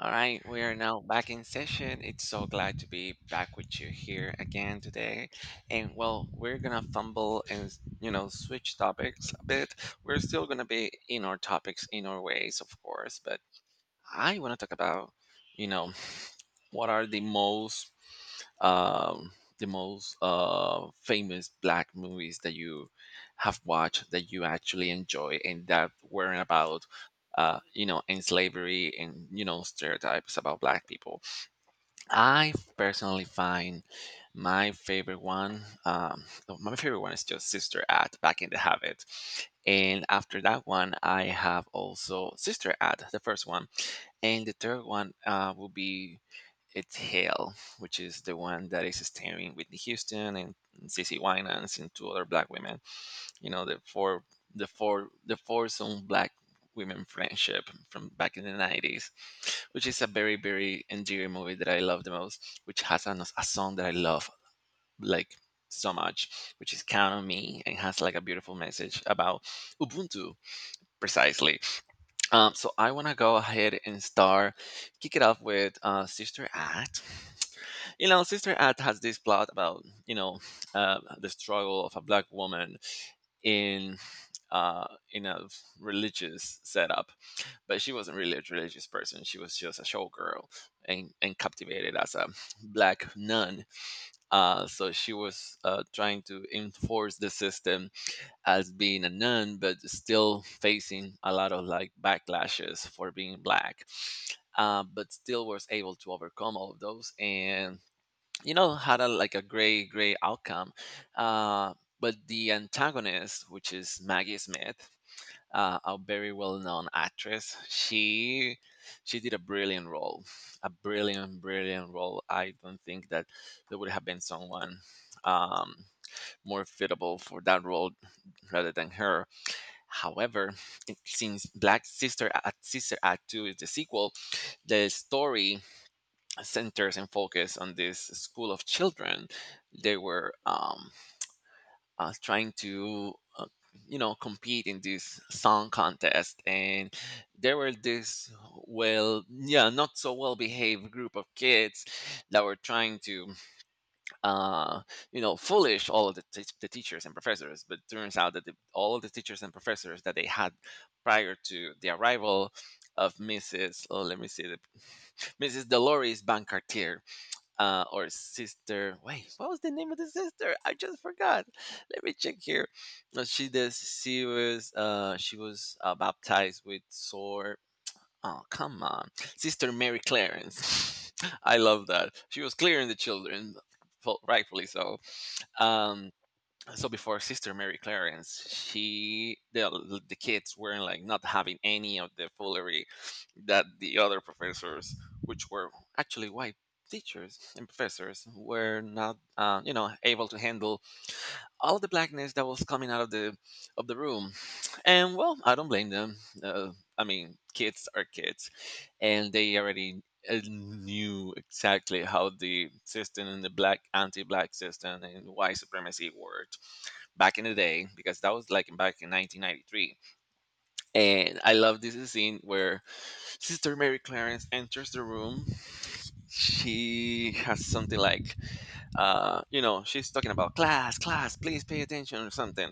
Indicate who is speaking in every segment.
Speaker 1: All right, we are now back in session. It's so glad to be back with you here again today. And well, we're gonna fumble and switch topics a bit. We're still gonna be in our topics, in our ways, of course. But I want to talk about you know what are um, the most famous black movies that you have watched that you actually enjoy and that weren't about you know and slavery and stereotypes about black people. I personally find my favorite one oh, my favorite one is just Sister Act Back in the Habit. And after that one I have also Sister Act the first one. And the third one will be, it's Hale, which is the one that is starring Whitney Houston and CC Winans and two other black women. You know, the foursome black women friendship from back in the 90s, which is a very, very endearing movie that I love the most, which has a song that I love like so much, which is Count on Me and has like a beautiful message about Ubuntu precisely. So I want to go ahead and start, kick it off with Sister Act. You know, Sister Act has this plot about the struggle of a black woman in in a religious setup, but she wasn't really a religious person. She was just a showgirl and captivated as a black nun. So she was trying to enforce the system as being a nun, but still facing a lot of like backlashes for being black. But still was able to overcome all of those, and had a like a great outcome. Uh, but the antagonist, which is Maggie Smith, a very well known actress, she did a brilliant role, a brilliant role. I don't think that there would have been someone Um, more fitable for that role rather than her. However, since Black Sister Act, Sister Act 2 is the sequel, the story centers and focus on this school of children. They were trying to, compete in this song contest, and there were this well, yeah, not so well behaved group of kids that were trying to uh, foolish all of the teachers and professors. But turns out that all of the teachers and professors that they had prior to the arrival of Mrs., oh, let me see, Mrs. Dolores Bancartier, or sister. Wait, what was the name of the sister? I just forgot. Let me check here. She does. She was baptized with sore. Oh come on, Sister Mary Clarence. I love that. She was clearing the children, rightfully so. um so before Sister Mary Clarence, she the kids weren't like not having any of the foolery that the other professors, which were actually white teachers and professors, were not able to handle all the blackness that was coming out of the room. And well, I don't blame them. uh, I mean, kids are kids, and they already knew exactly how the system and the black anti-black system and white supremacy worked back in the day because that was like back in 1993. And I love this scene where Sister Mary Clarence enters the room. She has something like she's talking about class, class please pay attention or something.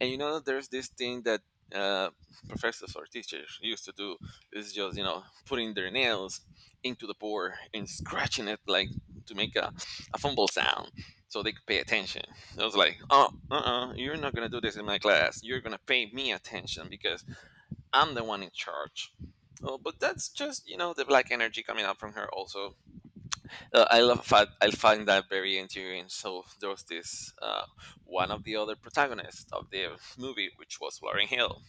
Speaker 1: And there's this thing that uh, professors or teachers used to do is just putting their nails into the board and scratching it like to make a fumble sound so they could pay attention. I was like, oh, uh-uh, you're not gonna do this in my class, you're gonna pay me attention because I'm the one in charge. Oh, but that's just the black energy coming out from her also. I will I find that very endearing. So there was this one of the other protagonists of the movie, which was Lauren Hill,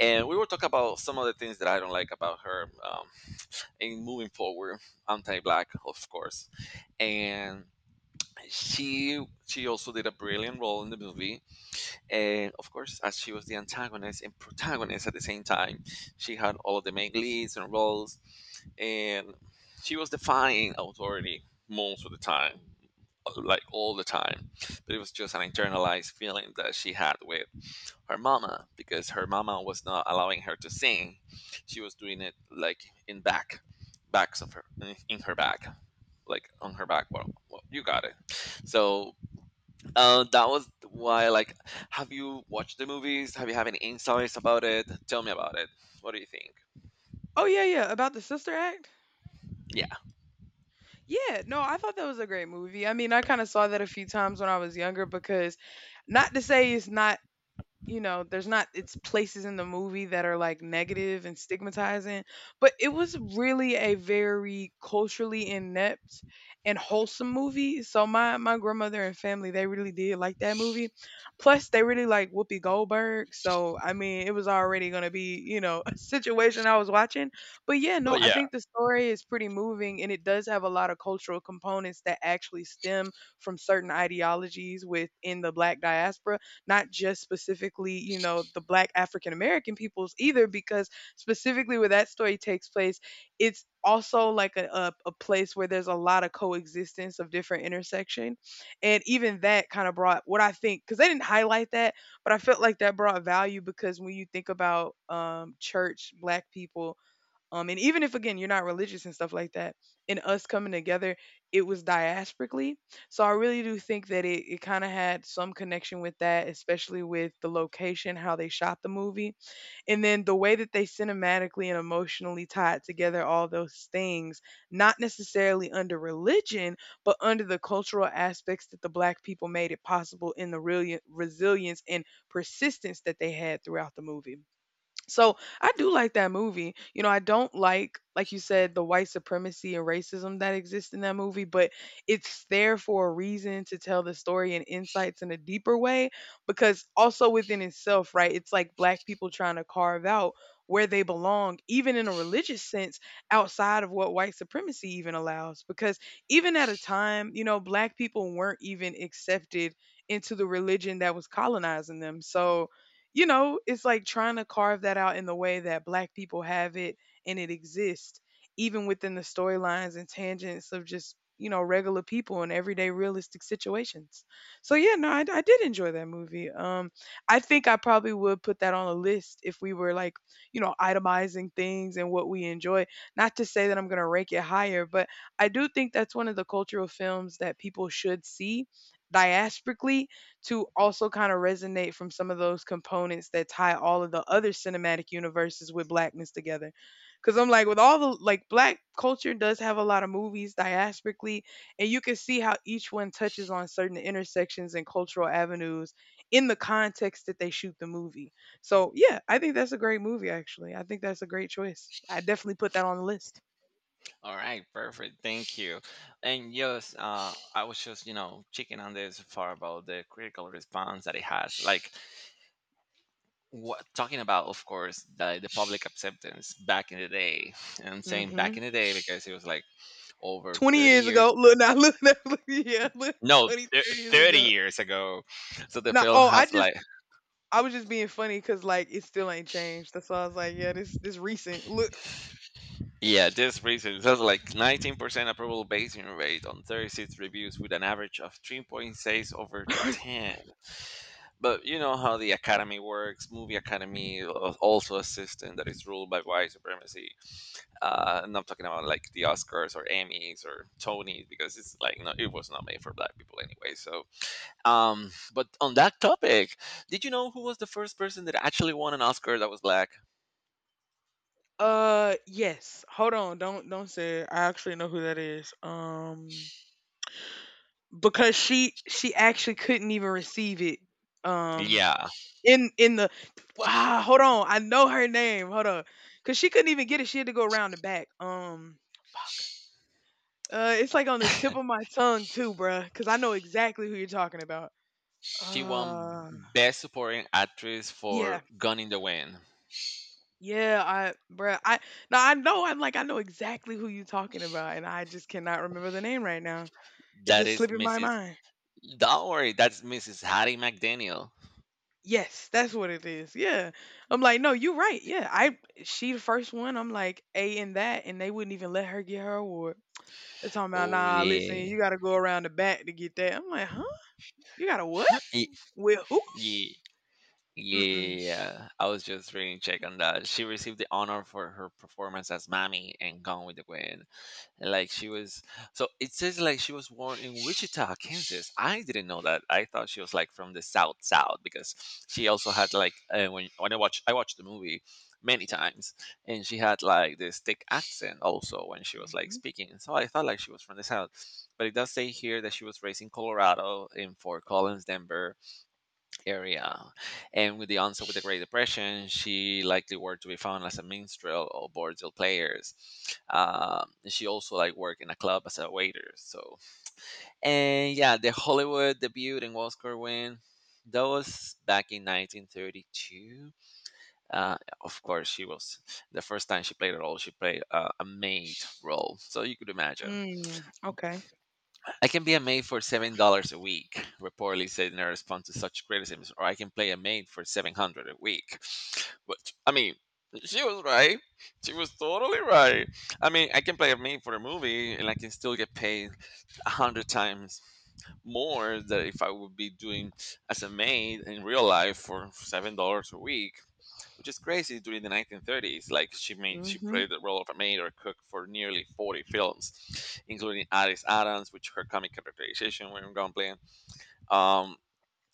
Speaker 1: and we were talking about some of the things that I don't like about her. In moving forward, anti-black, of course, and she also did a brilliant role in the movie. And of course, as she was the antagonist and protagonist at the same time, she had all of the main leads and roles, and she was defying authority most of the time, like all the time. But it was just an internalized feeling that she had with her mama because her mama was not allowing her to sing. She was doing it like in back backs of her in her back, like on her back. Well, you got it. So that was why, like, have you watched the movies? Have any insights about it? Tell me about it. What do you think?
Speaker 2: Oh, yeah, yeah, about the Sister Act?
Speaker 1: Yeah.
Speaker 2: Yeah, no, I thought that was a great movie. I mean, I kinda saw that a few times when I was younger because not to say it's not there's not it's places in the movie that are like negative and stigmatizing, but it was really a very culturally inept and wholesome movie. So my grandmother and family they really did like that movie. Plus they really like Whoopi Goldberg, so I mean, it was already going to be, a situation I was watching. But yeah,
Speaker 1: Oh
Speaker 2: no, I
Speaker 1: yeah.
Speaker 2: think the story is pretty moving, and it does have a lot of cultural components that actually stem from certain ideologies within the black diaspora, not just specifically, the black African American peoples either, because specifically where that story takes place, it's also like a place where there's a lot of coexistence of different intersection. And even that kind of brought what I think, because they didn't highlight that, but I felt like that brought value, because when you think about church, black people, and even if again you're not religious and stuff like that, in us coming together, it was diasporically. So I really do think that it kind of had some connection with that, especially with the location, how they shot the movie, and then the way that they cinematically and emotionally tied together all those things, not necessarily under religion, but under the cultural aspects that the black people made it possible in the real resilience and persistence that they had throughout the movie. So I do like that movie. You know, I don't like you said, the white supremacy and racism that exists in that movie, but it's there for a reason to tell the story and insights in a deeper way. Because also within itself, right, it's like black people trying to carve out where they belong, even in a religious sense, outside of what white supremacy even allows. Because even at a time, black people weren't even accepted into the religion that was colonizing them. So, it's like trying to carve that out in the way that black people have it and it exists, even within the storylines and tangents of just, regular people and everyday realistic situations. So yeah, no, I did enjoy that movie. I think I probably would put that on a list if we were like, itemizing things and what we enjoy. Not to say that I'm gonna rank it higher, but I do think that's one of the cultural films that people should see diasporically to also kind of resonate from some of those components that tie all of the other cinematic universes with blackness together. Because I'm like, with all the like black culture does have a lot of movies diasporically, and you can see how each one touches on certain intersections and cultural avenues in the context that they shoot the movie. So yeah, I think that's a great movie. Actually, I think that's a great choice. I definitely put that on the list.
Speaker 1: All right, perfect. Thank you. And yes, I was just checking on this far about the critical response that it has. Like what talking about, of course, the public acceptance back in the day. And I'm saying back
Speaker 2: Hmm.
Speaker 1: in the day because it was like over
Speaker 2: Twenty
Speaker 1: 30
Speaker 2: years
Speaker 1: years.
Speaker 2: ago, look, now, look, now, look, yeah, look,
Speaker 1: No,
Speaker 2: 20, 30 years
Speaker 1: 30
Speaker 2: ago.
Speaker 1: years ago. So the
Speaker 2: No,
Speaker 1: film
Speaker 2: oh, I
Speaker 1: has
Speaker 2: just
Speaker 1: like,
Speaker 2: I was just being funny because like it still ain't changed. That's why I was like, yeah, this recent. Look,
Speaker 1: yeah, this reason it has like 19% approval basing rate on 36 reviews with an average of 3.6 over 10. But you know how the academy works. Movie academy also a system that is ruled by white supremacy. And I'm talking about like the Oscars or Emmys or Tonys because it's like, no, it was not made for black people anyway. So, but on that topic, did you know who was the first person that actually won an Oscar that was black?
Speaker 2: yes. Hold on, don't say it. I actually know who that is. Because she actually couldn't even receive it. Um,
Speaker 1: Yeah,
Speaker 2: in in the hold on, I know her name. Hold on, because she couldn't even get it. She had to go around the back. Fuck. It's like on the tip of my tongue too, bruh, because I know exactly who you're talking about.
Speaker 1: she won
Speaker 2: Uh,
Speaker 1: Best Supporting Actress
Speaker 2: yeah,
Speaker 1: for Gun in the Wind.
Speaker 2: Yeah, I, bruh, I Now I know, I'm like I know exactly who you are talking about, and I just cannot remember the name right now. It
Speaker 1: That
Speaker 2: just
Speaker 1: is
Speaker 2: slipped in my
Speaker 1: Mrs.
Speaker 2: mind.
Speaker 1: Don't worry, that's Mrs. Hattie McDaniel.
Speaker 2: Yes, that's what it is. Yeah, I'm like, no, you're right. Yeah, I, she the first one. I'm like a in that, and they wouldn't even let her get her award. They're talking about
Speaker 1: Oh
Speaker 2: nah. Listen,
Speaker 1: yeah.
Speaker 2: you got to go around the back to get that. I'm like, huh? You got to what?
Speaker 1: Ye-
Speaker 2: With who?
Speaker 1: ye-
Speaker 2: Mm-mm.
Speaker 1: Yeah, I was just reading check on that. She received the honor for her performance as Mammy and Gone with the Wind. Like she was, so it says like she was born in Wichita, Kansas. I didn't know that. I thought she was like from the South South because she also had like when I watched the movie many times and she had like this thick accent also when she was like
Speaker 2: Mm-hmm.
Speaker 1: speaking. So I thought like she was from the South, but it does say here that she was raised in Colorado in Fort Collins, Denver area. And with the onset of the Great Depression, she likely worked to be found as a minstrel or bordello players. And she also like worked in a club as a waiter. So, and yeah, the Hollywood debut and Oscar win. That was back in 1932. Of course, she was, the first time she played a role, she played a maid role, so you could imagine.
Speaker 2: Mm, okay.
Speaker 1: I can be a maid for $7 a week, reportedly said in a response to such criticisms, or I can play a maid for 700 a week. But I mean, she was right. She was totally right. I mean, I can play a maid for a movie, and I can still get paid 100 times more than if I would be doing as a maid in real life for $7 a week, which is crazy during the 1930s. Like she made, she
Speaker 2: Mm-hmm.
Speaker 1: played the role of a maid or cook for nearly 40 films, including Addis Adams, which her comic characterization were in Gunplay. Um,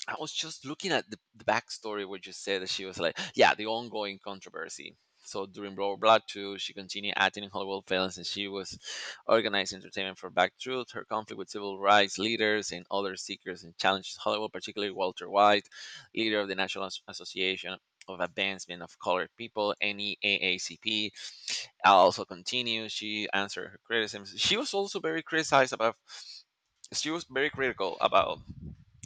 Speaker 1: I was just looking at the backstory where you said that she was like, yeah, the ongoing controversy. So during World War II, she continued acting in Hollywood films and she was organizing entertainment for Back Truth. Her conflict with civil rights leaders and other seekers and challenges Hollywood, particularly Walter White, leader of the National Association of Advancement of Colored People, NEAACP, also continues. She answered her criticisms. She was also very criticized about, she was very critical about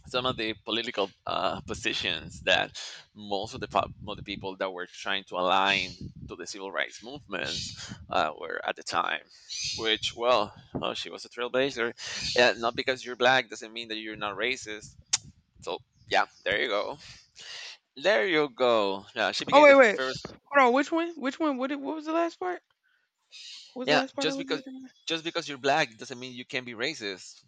Speaker 1: some of the political positions that most of the of the people that were trying to align to the civil rights movements were at the time. Which, well, oh, she was a trailblazer. Yeah, not because you're black doesn't mean that you're not racist. So yeah, there you go. There you go. Yeah, she
Speaker 2: Oh
Speaker 1: became the
Speaker 2: wait, wait.
Speaker 1: first.
Speaker 2: Hold on. Which one? What? What was the last part? What was the
Speaker 1: Yeah,
Speaker 2: last part I was getting?
Speaker 1: just because you're black doesn't mean you can be racist.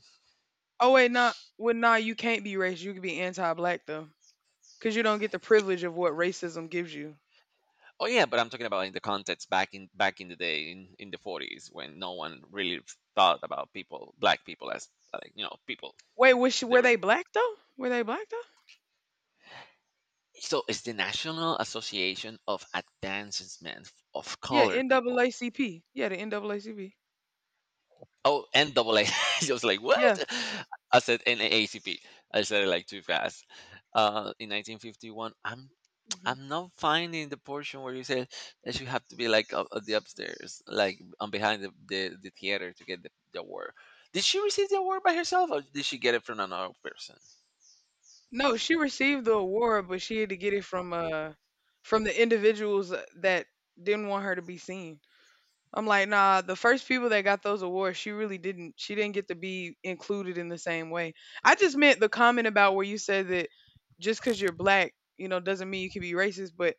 Speaker 2: Oh wait, nah. Well, nah, you can't be racist. You can be anti-black though, because you don't get the privilege of what racism gives you.
Speaker 1: Oh yeah, but I'm talking about in the context back in the day in the 40s when no one really thought about people, black people as like people.
Speaker 2: Wait,
Speaker 1: They
Speaker 2: were
Speaker 1: were,
Speaker 2: they black though? Were they black though?
Speaker 1: so it's the National Association of Advancement of
Speaker 2: Yeah,
Speaker 1: Color People.
Speaker 2: NAACP. Yeah, the NAACP.
Speaker 1: Oh, NAA. I was like,
Speaker 2: Yeah.
Speaker 1: what? I said NAACP. I said it like too fast. In 1951, I'm
Speaker 2: Hmm.
Speaker 1: I'm not finding the portion where you said that you have to be like up the upstairs, like on behind the theater to get the award. Did she receive the award by herself, or did she get it from another person?
Speaker 2: No, she received the award, but she had to get it from the individuals that didn't want her to be seen. I'm like, nah, the first people that got those awards, she really didn't get to be included in the same way. I just meant the comment about where you said that just cuz you're black, doesn't mean you can be racist, but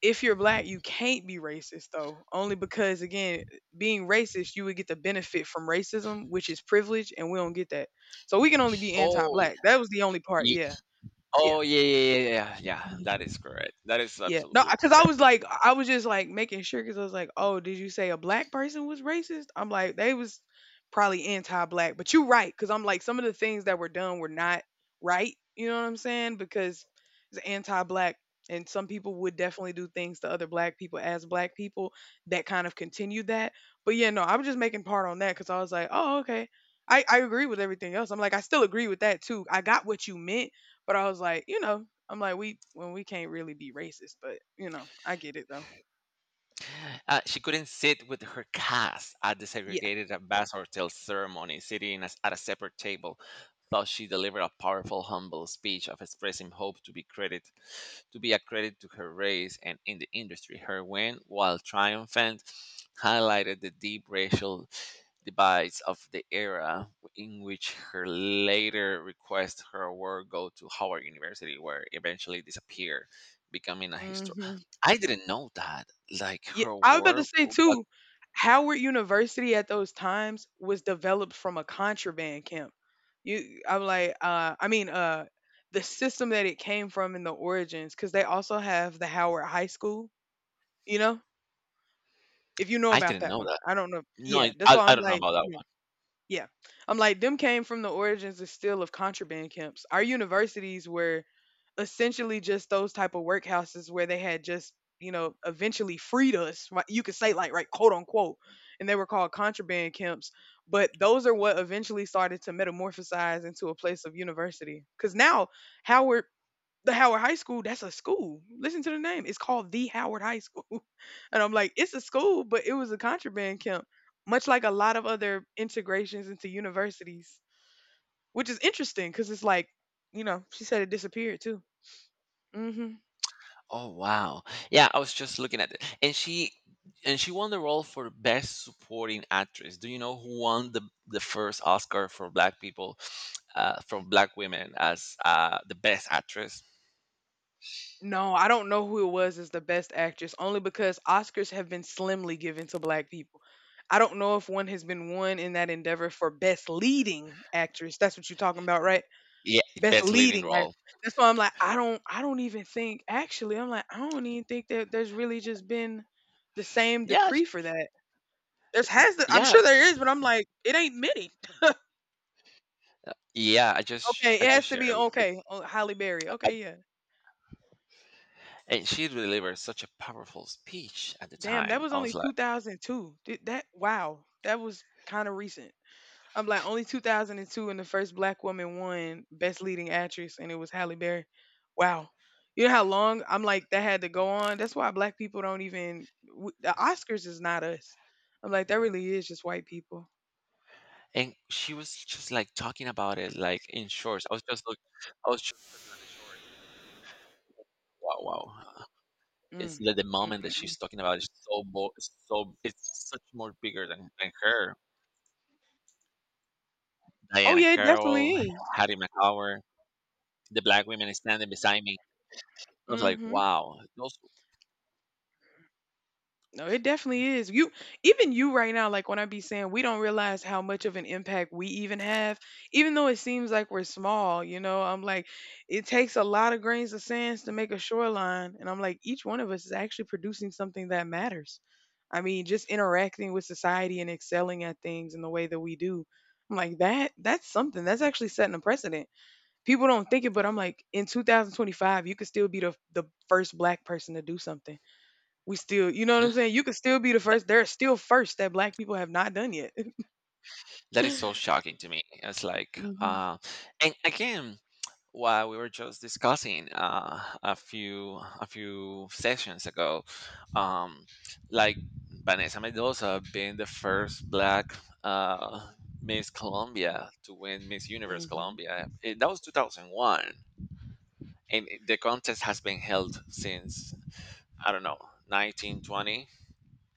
Speaker 2: if you're black, you can't be racist though. Only because again, being racist, you would get the benefit from racism, which is privilege, and we don't get that. So we can only be
Speaker 1: Oh,
Speaker 2: anti-black. That was the only part,
Speaker 1: ye-
Speaker 2: yeah. Yeah.
Speaker 1: oh yeah, yeah, yeah, yeah, yeah.
Speaker 2: Mm-hmm.
Speaker 1: That is correct. That is
Speaker 2: Yeah. No,
Speaker 1: absolutely
Speaker 2: because I
Speaker 1: correct.
Speaker 2: was like, I was just like making sure because I was like, oh, did you say a black person was racist? I'm like, they was probably anti-black, but you right because I'm like, some of the things that were done were not right. You know what I'm saying? Because it's anti-black, and some people would definitely do things to other black people as black people that kind of continued that. But yeah, no, I was just making part on that because I was like, oh, okay. I agree with everything else. I'm like, I still agree with that too. I got what you meant, but I was like, I'm like, we when we can't really be racist, but I get it though.
Speaker 1: She couldn't sit with her cast at the
Speaker 2: Yeah.
Speaker 1: segregated ambassador till ceremony, sitting at a separate table. Thus she delivered a powerful, humble speech of expressing hope to be a credit to her race and in the industry. Her win, while triumphant, highlighted the deep racial divides of the era, in which her later request her award go to Howard University where eventually disappeared, becoming a history.
Speaker 2: Hmm.
Speaker 1: I didn't know that. Like
Speaker 2: Yeah.
Speaker 1: her
Speaker 2: I was about to
Speaker 1: award
Speaker 2: say
Speaker 1: got.
Speaker 2: too, Howard University at those times was developed from a contraband camp. You, I'm like, I mean, the system that it came from and the origins, because they also have the Howard High School. You know, if you know
Speaker 1: I
Speaker 2: about
Speaker 1: didn't
Speaker 2: that
Speaker 1: know
Speaker 2: one,
Speaker 1: that.
Speaker 2: I don't know.
Speaker 1: No, I,
Speaker 2: Yeah, that's
Speaker 1: I
Speaker 2: why
Speaker 1: I
Speaker 2: I'm
Speaker 1: don't know
Speaker 2: like,
Speaker 1: about that.
Speaker 2: yeah, yeah. I'm like, them came from the origins of still of contraband camps. Our universities were essentially just those type of workhouses where they had just eventually freed us right, you could say like right quote unquote, and they were called contraband camps, but those are what eventually started to metamorphosize into a place of university because now Howard, the Howard High School, that's a school. Listen to the name, it's called the Howard High School and I'm like it's a school, but it was a contraband camp, much like a lot of other integrations into universities, which is interesting because it's like, she said it disappeared too. Hmm.
Speaker 1: Oh wow. Yeah, I was just looking at it. And she won the role for best supporting actress. Do you know who won the first Oscar for black people, from black women as the best actress?
Speaker 2: No, I don't know who it was as the best actress, only because Oscars have been slimly given to black people. I don't know if one has been won in that endeavor for best leading actress. That's what you're talking about, right?
Speaker 1: Yeah,
Speaker 2: Best
Speaker 1: best leading
Speaker 2: leading actress.
Speaker 1: role.
Speaker 2: That's why I'm like, I don't even think actually, I'm like, I don't even think that there's really just been the same
Speaker 1: Yeah, sh-
Speaker 2: decree for that. There's has to, I'm
Speaker 1: yeah,
Speaker 2: sure there is, but I'm like, it ain't many.
Speaker 1: yeah, I just
Speaker 2: Okay,
Speaker 1: I
Speaker 2: it
Speaker 1: just
Speaker 2: has to
Speaker 1: shared
Speaker 2: be
Speaker 1: it with her.
Speaker 2: okay. Oh, Halle Berry. Okay, yeah.
Speaker 1: And she delivered such a powerful speech at the
Speaker 2: Damn, that
Speaker 1: time.
Speaker 2: was
Speaker 1: I
Speaker 2: only
Speaker 1: was like,
Speaker 2: 2002. Did that wow. That was kind of recent. I'm like only 2002 and two, and the first black woman won best leading actress and it was Halle Berry. Wow. You know how long I'm like that had to go on. That's why black people don't even the Oscars is not us. I'm like that really is just white people.
Speaker 1: and she was just like talking about it like in shorts. I was just like, I was just wow, wow. It's
Speaker 2: Mm.
Speaker 1: that the moment that
Speaker 2: Mm-mm.
Speaker 1: she's talking about is so it's such more bigger than her.
Speaker 2: Oh
Speaker 1: Diana
Speaker 2: yeah, it definitely
Speaker 1: Carroll,
Speaker 2: is.
Speaker 1: Hattie McCower, the black women standing beside me. I was like,
Speaker 2: Mhm.
Speaker 1: wow,
Speaker 2: No, it definitely is. You, even you right now, like when I be saying we don't realize how much of an impact we even have, even though it seems like we're small, I'm like, it takes a lot of grains of sands to make a shoreline. And I'm like, each one of us is actually producing something that matters. I mean, just interacting with society and excelling at things in the way that we do. I'm like, that that's something. That's actually setting a precedent. People don't think it, but I'm like, in 2025, you could still be the first black person to do something. We still you know what I'm
Speaker 1: hmm,
Speaker 2: saying? You could still be the
Speaker 1: that,
Speaker 2: first. There are still firsts that black people have not done yet.
Speaker 1: that is so shocking to me. It's like,
Speaker 2: Mhm,
Speaker 1: and again, what we were just discussing a few sessions ago, um, like Vanessa Mendoza being the first Black, uh, Miss Colombia to win Miss Universe
Speaker 2: mhm,
Speaker 1: Colombia. That was 2001, and the contest has been held since, I don't know, 1920.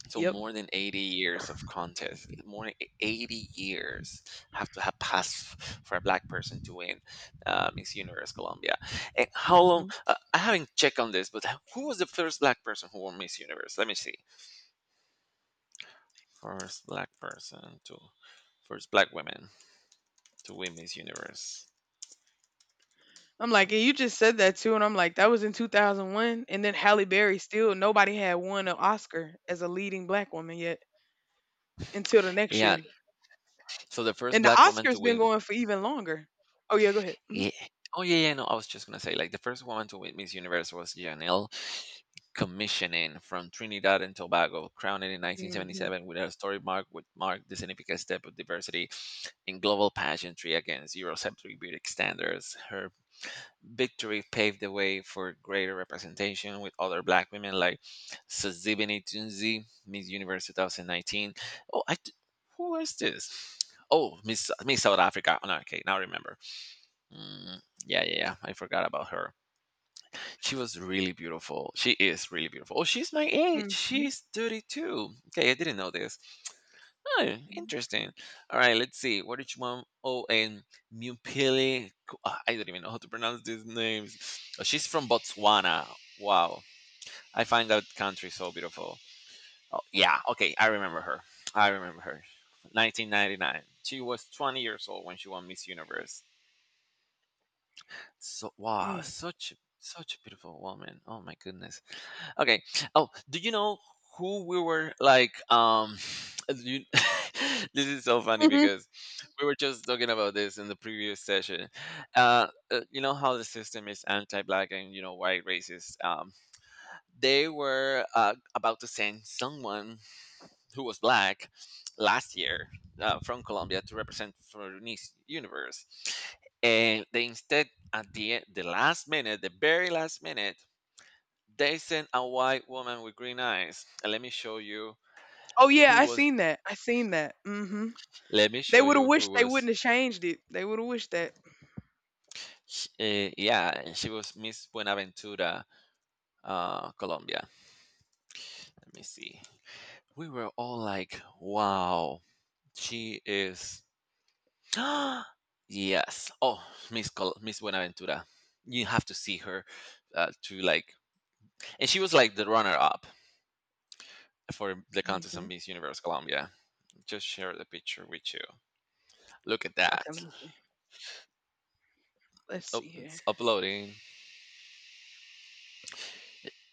Speaker 1: So
Speaker 2: yep,
Speaker 1: more than 80 years of contest, more than 80 years have to have passed for a black person to win, Miss Universe Colombia. And how long?
Speaker 2: mhm.
Speaker 1: I haven't checked on this, but who was the first black person who won Miss Universe? Let me see. First black person to, first black woman to win Miss Universe.
Speaker 2: I'm like, and you just said that too, and I'm like, that was in 2001, and then Halle Berry, still nobody had won an Oscar as a leading black woman yet until the next
Speaker 1: Yeah.
Speaker 2: year,
Speaker 1: So the first
Speaker 2: and the
Speaker 1: black woman to
Speaker 2: Oscars been
Speaker 1: win.
Speaker 2: going for even longer. Oh yeah, go ahead. Mhm.
Speaker 1: Yeah. Oh yeah. No, I was just gonna say like the first woman to win Miss Universe was Janelle commissioning from Trinidad and Tobago, crowned in
Speaker 2: Mhm,
Speaker 1: 1977 with a historic mark which marked the significant step of diversity in global pageantry against Eurocentric beauty standards. Her victory paved the way for greater representation with other black women like Sazibini Tunzi, Miss Universe 2019. Oh, I, d- who is this? Oh, Miss South Africa. Oh, no, okay, now I remember. Mm, yeah. I forgot about her. She was really beautiful. She is really beautiful. Oh, she's my age.
Speaker 2: mhm,
Speaker 1: She's 32. Okay, I didn't know this. Oh,
Speaker 2: mhm,
Speaker 1: interesting. All right, let's see. What did you want? Oh, and Mupili. Ah, I don't even know how to pronounce these names. Oh, she's from Botswana. Wow. I find that country so beautiful. Oh, yeah. Okay, I remember her. I remember her. 1999. She was 20 years old when she won Miss Universe. So wow,
Speaker 2: mhm,
Speaker 1: such a beautiful woman. Oh my goodness. Okay. Oh, do you know who we were like? Do you, this is so funny
Speaker 2: mhm.
Speaker 1: because we were just talking about this in the previous session. You know how the system is anti-black and you know white racist. They were about to send someone who was black last year, from Colombia to represent for Miss Universe, and they instead at the last minute, the very last minute, they sent a white woman with green eyes. And let me show you
Speaker 2: Oh yeah,
Speaker 1: who
Speaker 2: I
Speaker 1: was.
Speaker 2: seen that. I seen that. Mhm.
Speaker 1: Let me
Speaker 2: They
Speaker 1: show
Speaker 2: would have
Speaker 1: you who
Speaker 2: wished they
Speaker 1: was.
Speaker 2: wouldn't have changed it. They would have wished that.
Speaker 1: Yeah, and she was Miss Buenaventura, Colombia. Let me see. We were all like, "Wow, she is." Yes. Oh, Miss Buenaventura. You have to see her, to like, and she was like the runner-up for the contest of
Speaker 2: Mhm.
Speaker 1: Miss Universe Colombia. Just share the picture with you. Look at that.
Speaker 2: Okay, let me see. Let's
Speaker 1: Oh,
Speaker 2: see here.
Speaker 1: it's uploading.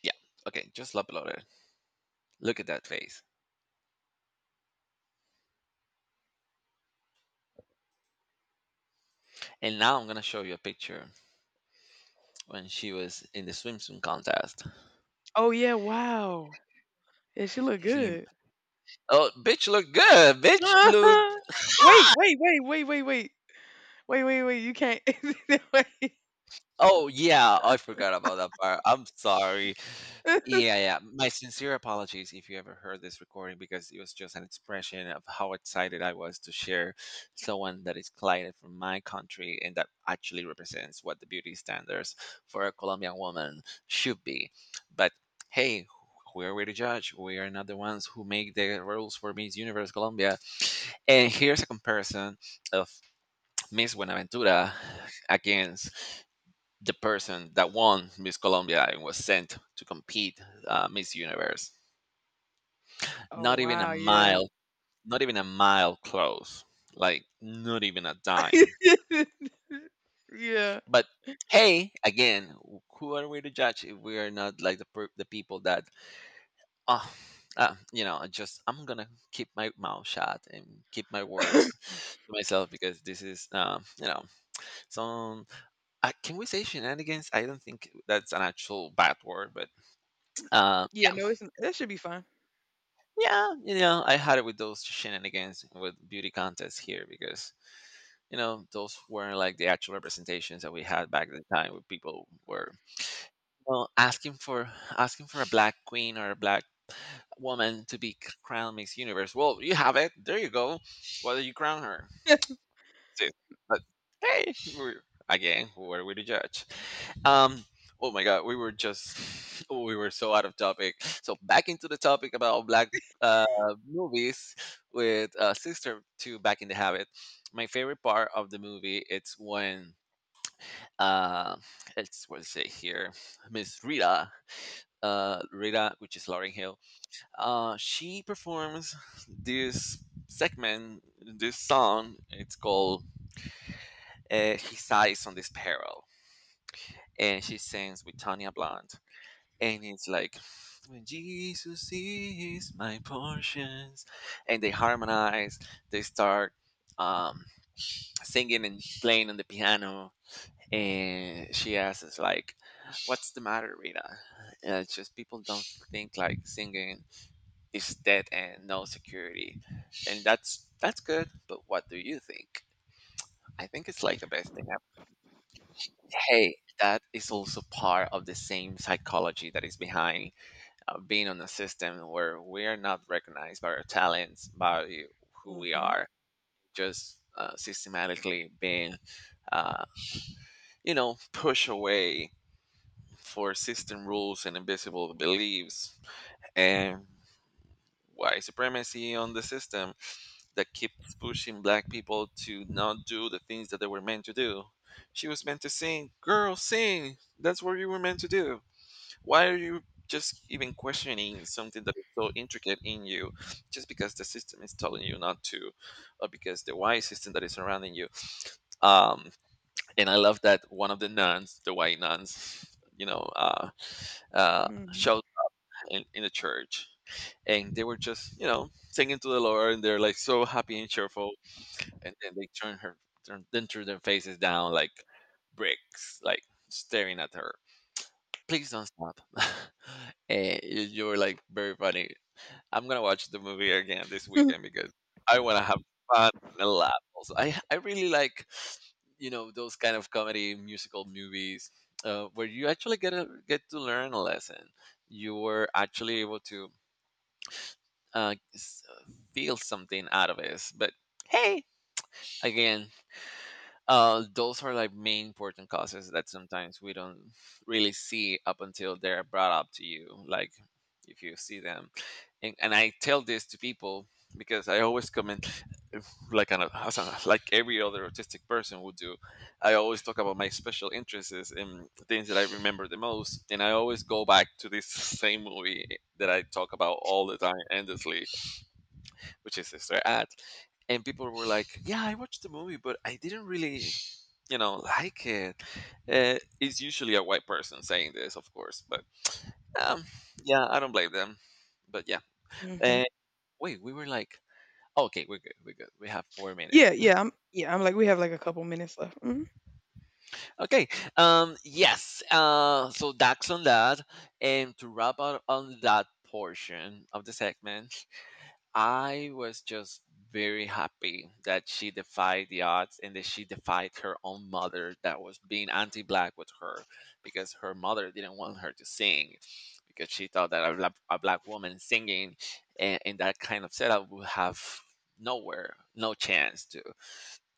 Speaker 1: Yeah. Okay, just uploaded. Look at that face. And now I'm gonna show you a picture when she was in the swimsuit contest.
Speaker 2: Oh, yeah, wow. Yeah, she look
Speaker 1: He-
Speaker 2: good.
Speaker 1: oh, bitch look good. Bitch look.
Speaker 2: Wait, wait, wait, wait, wait, wait. Wait, wait, wait, you can't wait.
Speaker 1: Oh, yeah, I forgot about that part. I'm sorry. Yeah, yeah. My sincere apologies if you ever heard this recording because it was just an expression of how excited I was to share someone that is client from my country and that actually represents what the beauty standards for a Colombian woman should be. But hey, who are we to judge? We are not the ones who make the rules for Miss Universe Colombia. And here's a comparison of Miss Buenaventura against the person that won Miss Colombia and was sent to compete, Miss Universe.
Speaker 2: Oh,
Speaker 1: Not even a
Speaker 2: wow, yeah.
Speaker 1: mile, close. Like not even a dime.
Speaker 2: Yeah.
Speaker 1: But hey, again, who are we to judge if we are not like the people that, oh. You know, I'm gonna keep my mouth shut and keep my words to myself because this is, you know, some. Can we say shenanigans? I don't think that's an actual bad word, but uh,
Speaker 2: Yeah, no, it's that should be fine.
Speaker 1: yeah, you know, I had it with those shenanigans with beauty contests here because you know those weren't like the actual representations that we had back at the time, where people were well asking for a black queen or a black woman to be crowned Miss Universe. Well, you have it. There you go. Whether you crown her, sis. But hey, again, who are we to judge? Um. Oh my God, we were just we were so out of topic. So back into the topic about black, uh, movies, with Sister to Back in the Habit. My favorite part of the movie it's when uh, it's what is it here, Miss Rita. Rita, which is Lauren Hill, she performs this segment, this song. It's called "He Sighs on This Peril," and she sings with Tanya Blunt, and it's like, when Jesus is my portions, and they harmonize. They start um, singing and playing on the piano, and she asks like, "What's the matter, Rita?" And it's just people don't think like singing is dead and no security, and that's good. But what do you think? I think it's like the best thing ever. Hey, that is also part of the same psychology that is behind of being on a system where we are not recognized by our talents, by who we
Speaker 2: Mhm.
Speaker 1: are, just systematically being, uh, you know, pushed away for system rules and invisible beliefs and white supremacy on the system that keeps pushing black people to not do the things that they were meant to do. She was meant to sing, girl, sing. That's what you were meant to do. Why are you just even questioning something that is so intricate in you just because the system is telling you not to, or because the why system that is surrounding you? um and I love that one of the nuns, the white nuns, you know, uh
Speaker 2: Mhm.
Speaker 1: showed in the church, and they were just, you know, singing to the Lord and they're like so happy and cheerful, and then they turn her turn then turn their faces down like bricks, like staring at her. Please don't stop. You were like very funny. I'm gonna watch the movie again this weekend because I want to have fun and laugh. Also, I really like, you know, those kind of comedy musical movies, where you actually get to learn a lesson. You were actually able to uh, s- feel something out of it. But hey, again, those are like main important causes that sometimes we don't really see up until they're brought up to you. Like if you see them, and I tell this to people because I always comment, as like every other autistic person would do. I always talk about my special interests and things that I remember the most, and I always go back to this same movie that I talk about all the time endlessly, which is Sister Act. And people were like, "Yeah, I watched the movie, but I didn't really, you know, like it." It's usually a white person saying this, of course, but um, yeah, I don't blame them. But yeah,
Speaker 2: Mhm.
Speaker 1: uh, wait, we were like, okay, we're good. We have 4 minutes.
Speaker 2: Yeah, yeah, I'm like we have like a couple minutes left. Mhm.
Speaker 1: Okay, yes. So that's on that, and to wrap up on that portion of the segment, I was just very happy that she defied the odds and that she defied her own mother that was being anti black with her because her mother didn't want her to sing because she thought that a black woman singing in that kind of setup would have nowhere, no chance to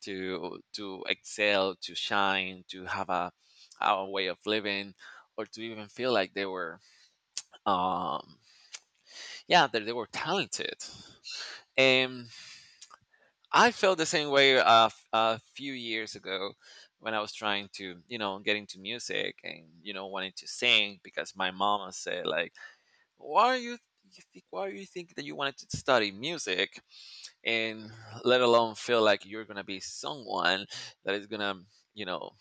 Speaker 1: excel, to shine, to have a way of living, or to even feel like they were um yeah, that they were talented. And, I felt the same way a few years ago when I was trying to, you know, get into music and you know wanting to sing because my mama said like, "Why are you, you think? Why do you think that you wanted to study music and let alone feel like you're gonna be someone that is gonna, you know,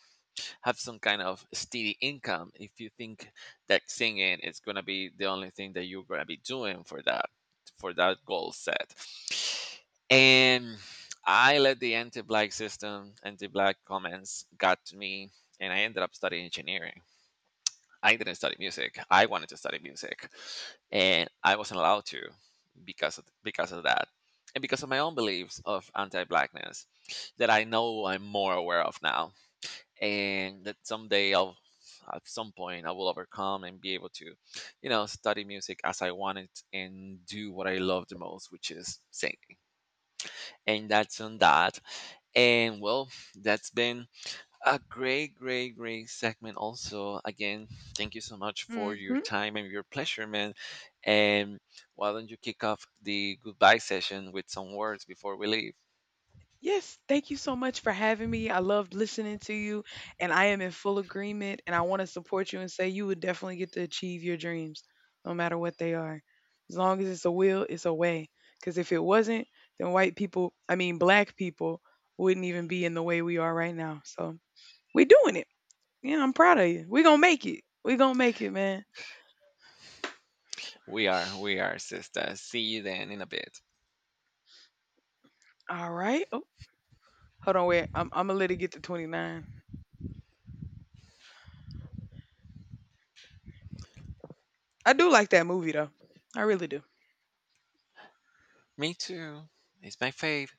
Speaker 1: have some kind of steady income if you think that singing is going to be the only thing that you're going to be doing for that goal set?" And I let the anti-black system anti-black comments got to me, and I ended up studying engineering. I didn't study music. I wanted to study music, and I wasn't allowed to because of that, and because of my own beliefs of anti-blackness that I know I'm more aware of now, and that someday I'll at some point I will overcome and be able to, you know, study music as I want it and do what I love the most, which is singing. And that's on that. And well, that's been a great, great segment. Also, again, thank you so much for your
Speaker 2: Mhm.
Speaker 1: time and your pleasure, man. And why don't you kick off the goodbye session with some words before we leave?
Speaker 2: Yes, thank you so much for having me. I loved listening to you, and I am in full agreement, and I want to support you and say you would definitely get to achieve your dreams, no matter what they are. As long as it's a will, it's a way. Because if it wasn't, then white people, I mean black people, wouldn't even be in the way we are right now. So we doing it. Yeah, I'm proud of you. We gonna make it. We gonna make it, man.
Speaker 1: We are, sister. See you then in a bit.
Speaker 2: All right. Oh, hold on, wait. I'm gonna let it get to 29. I do like that movie though. I really do.
Speaker 1: Me too. It's my fave.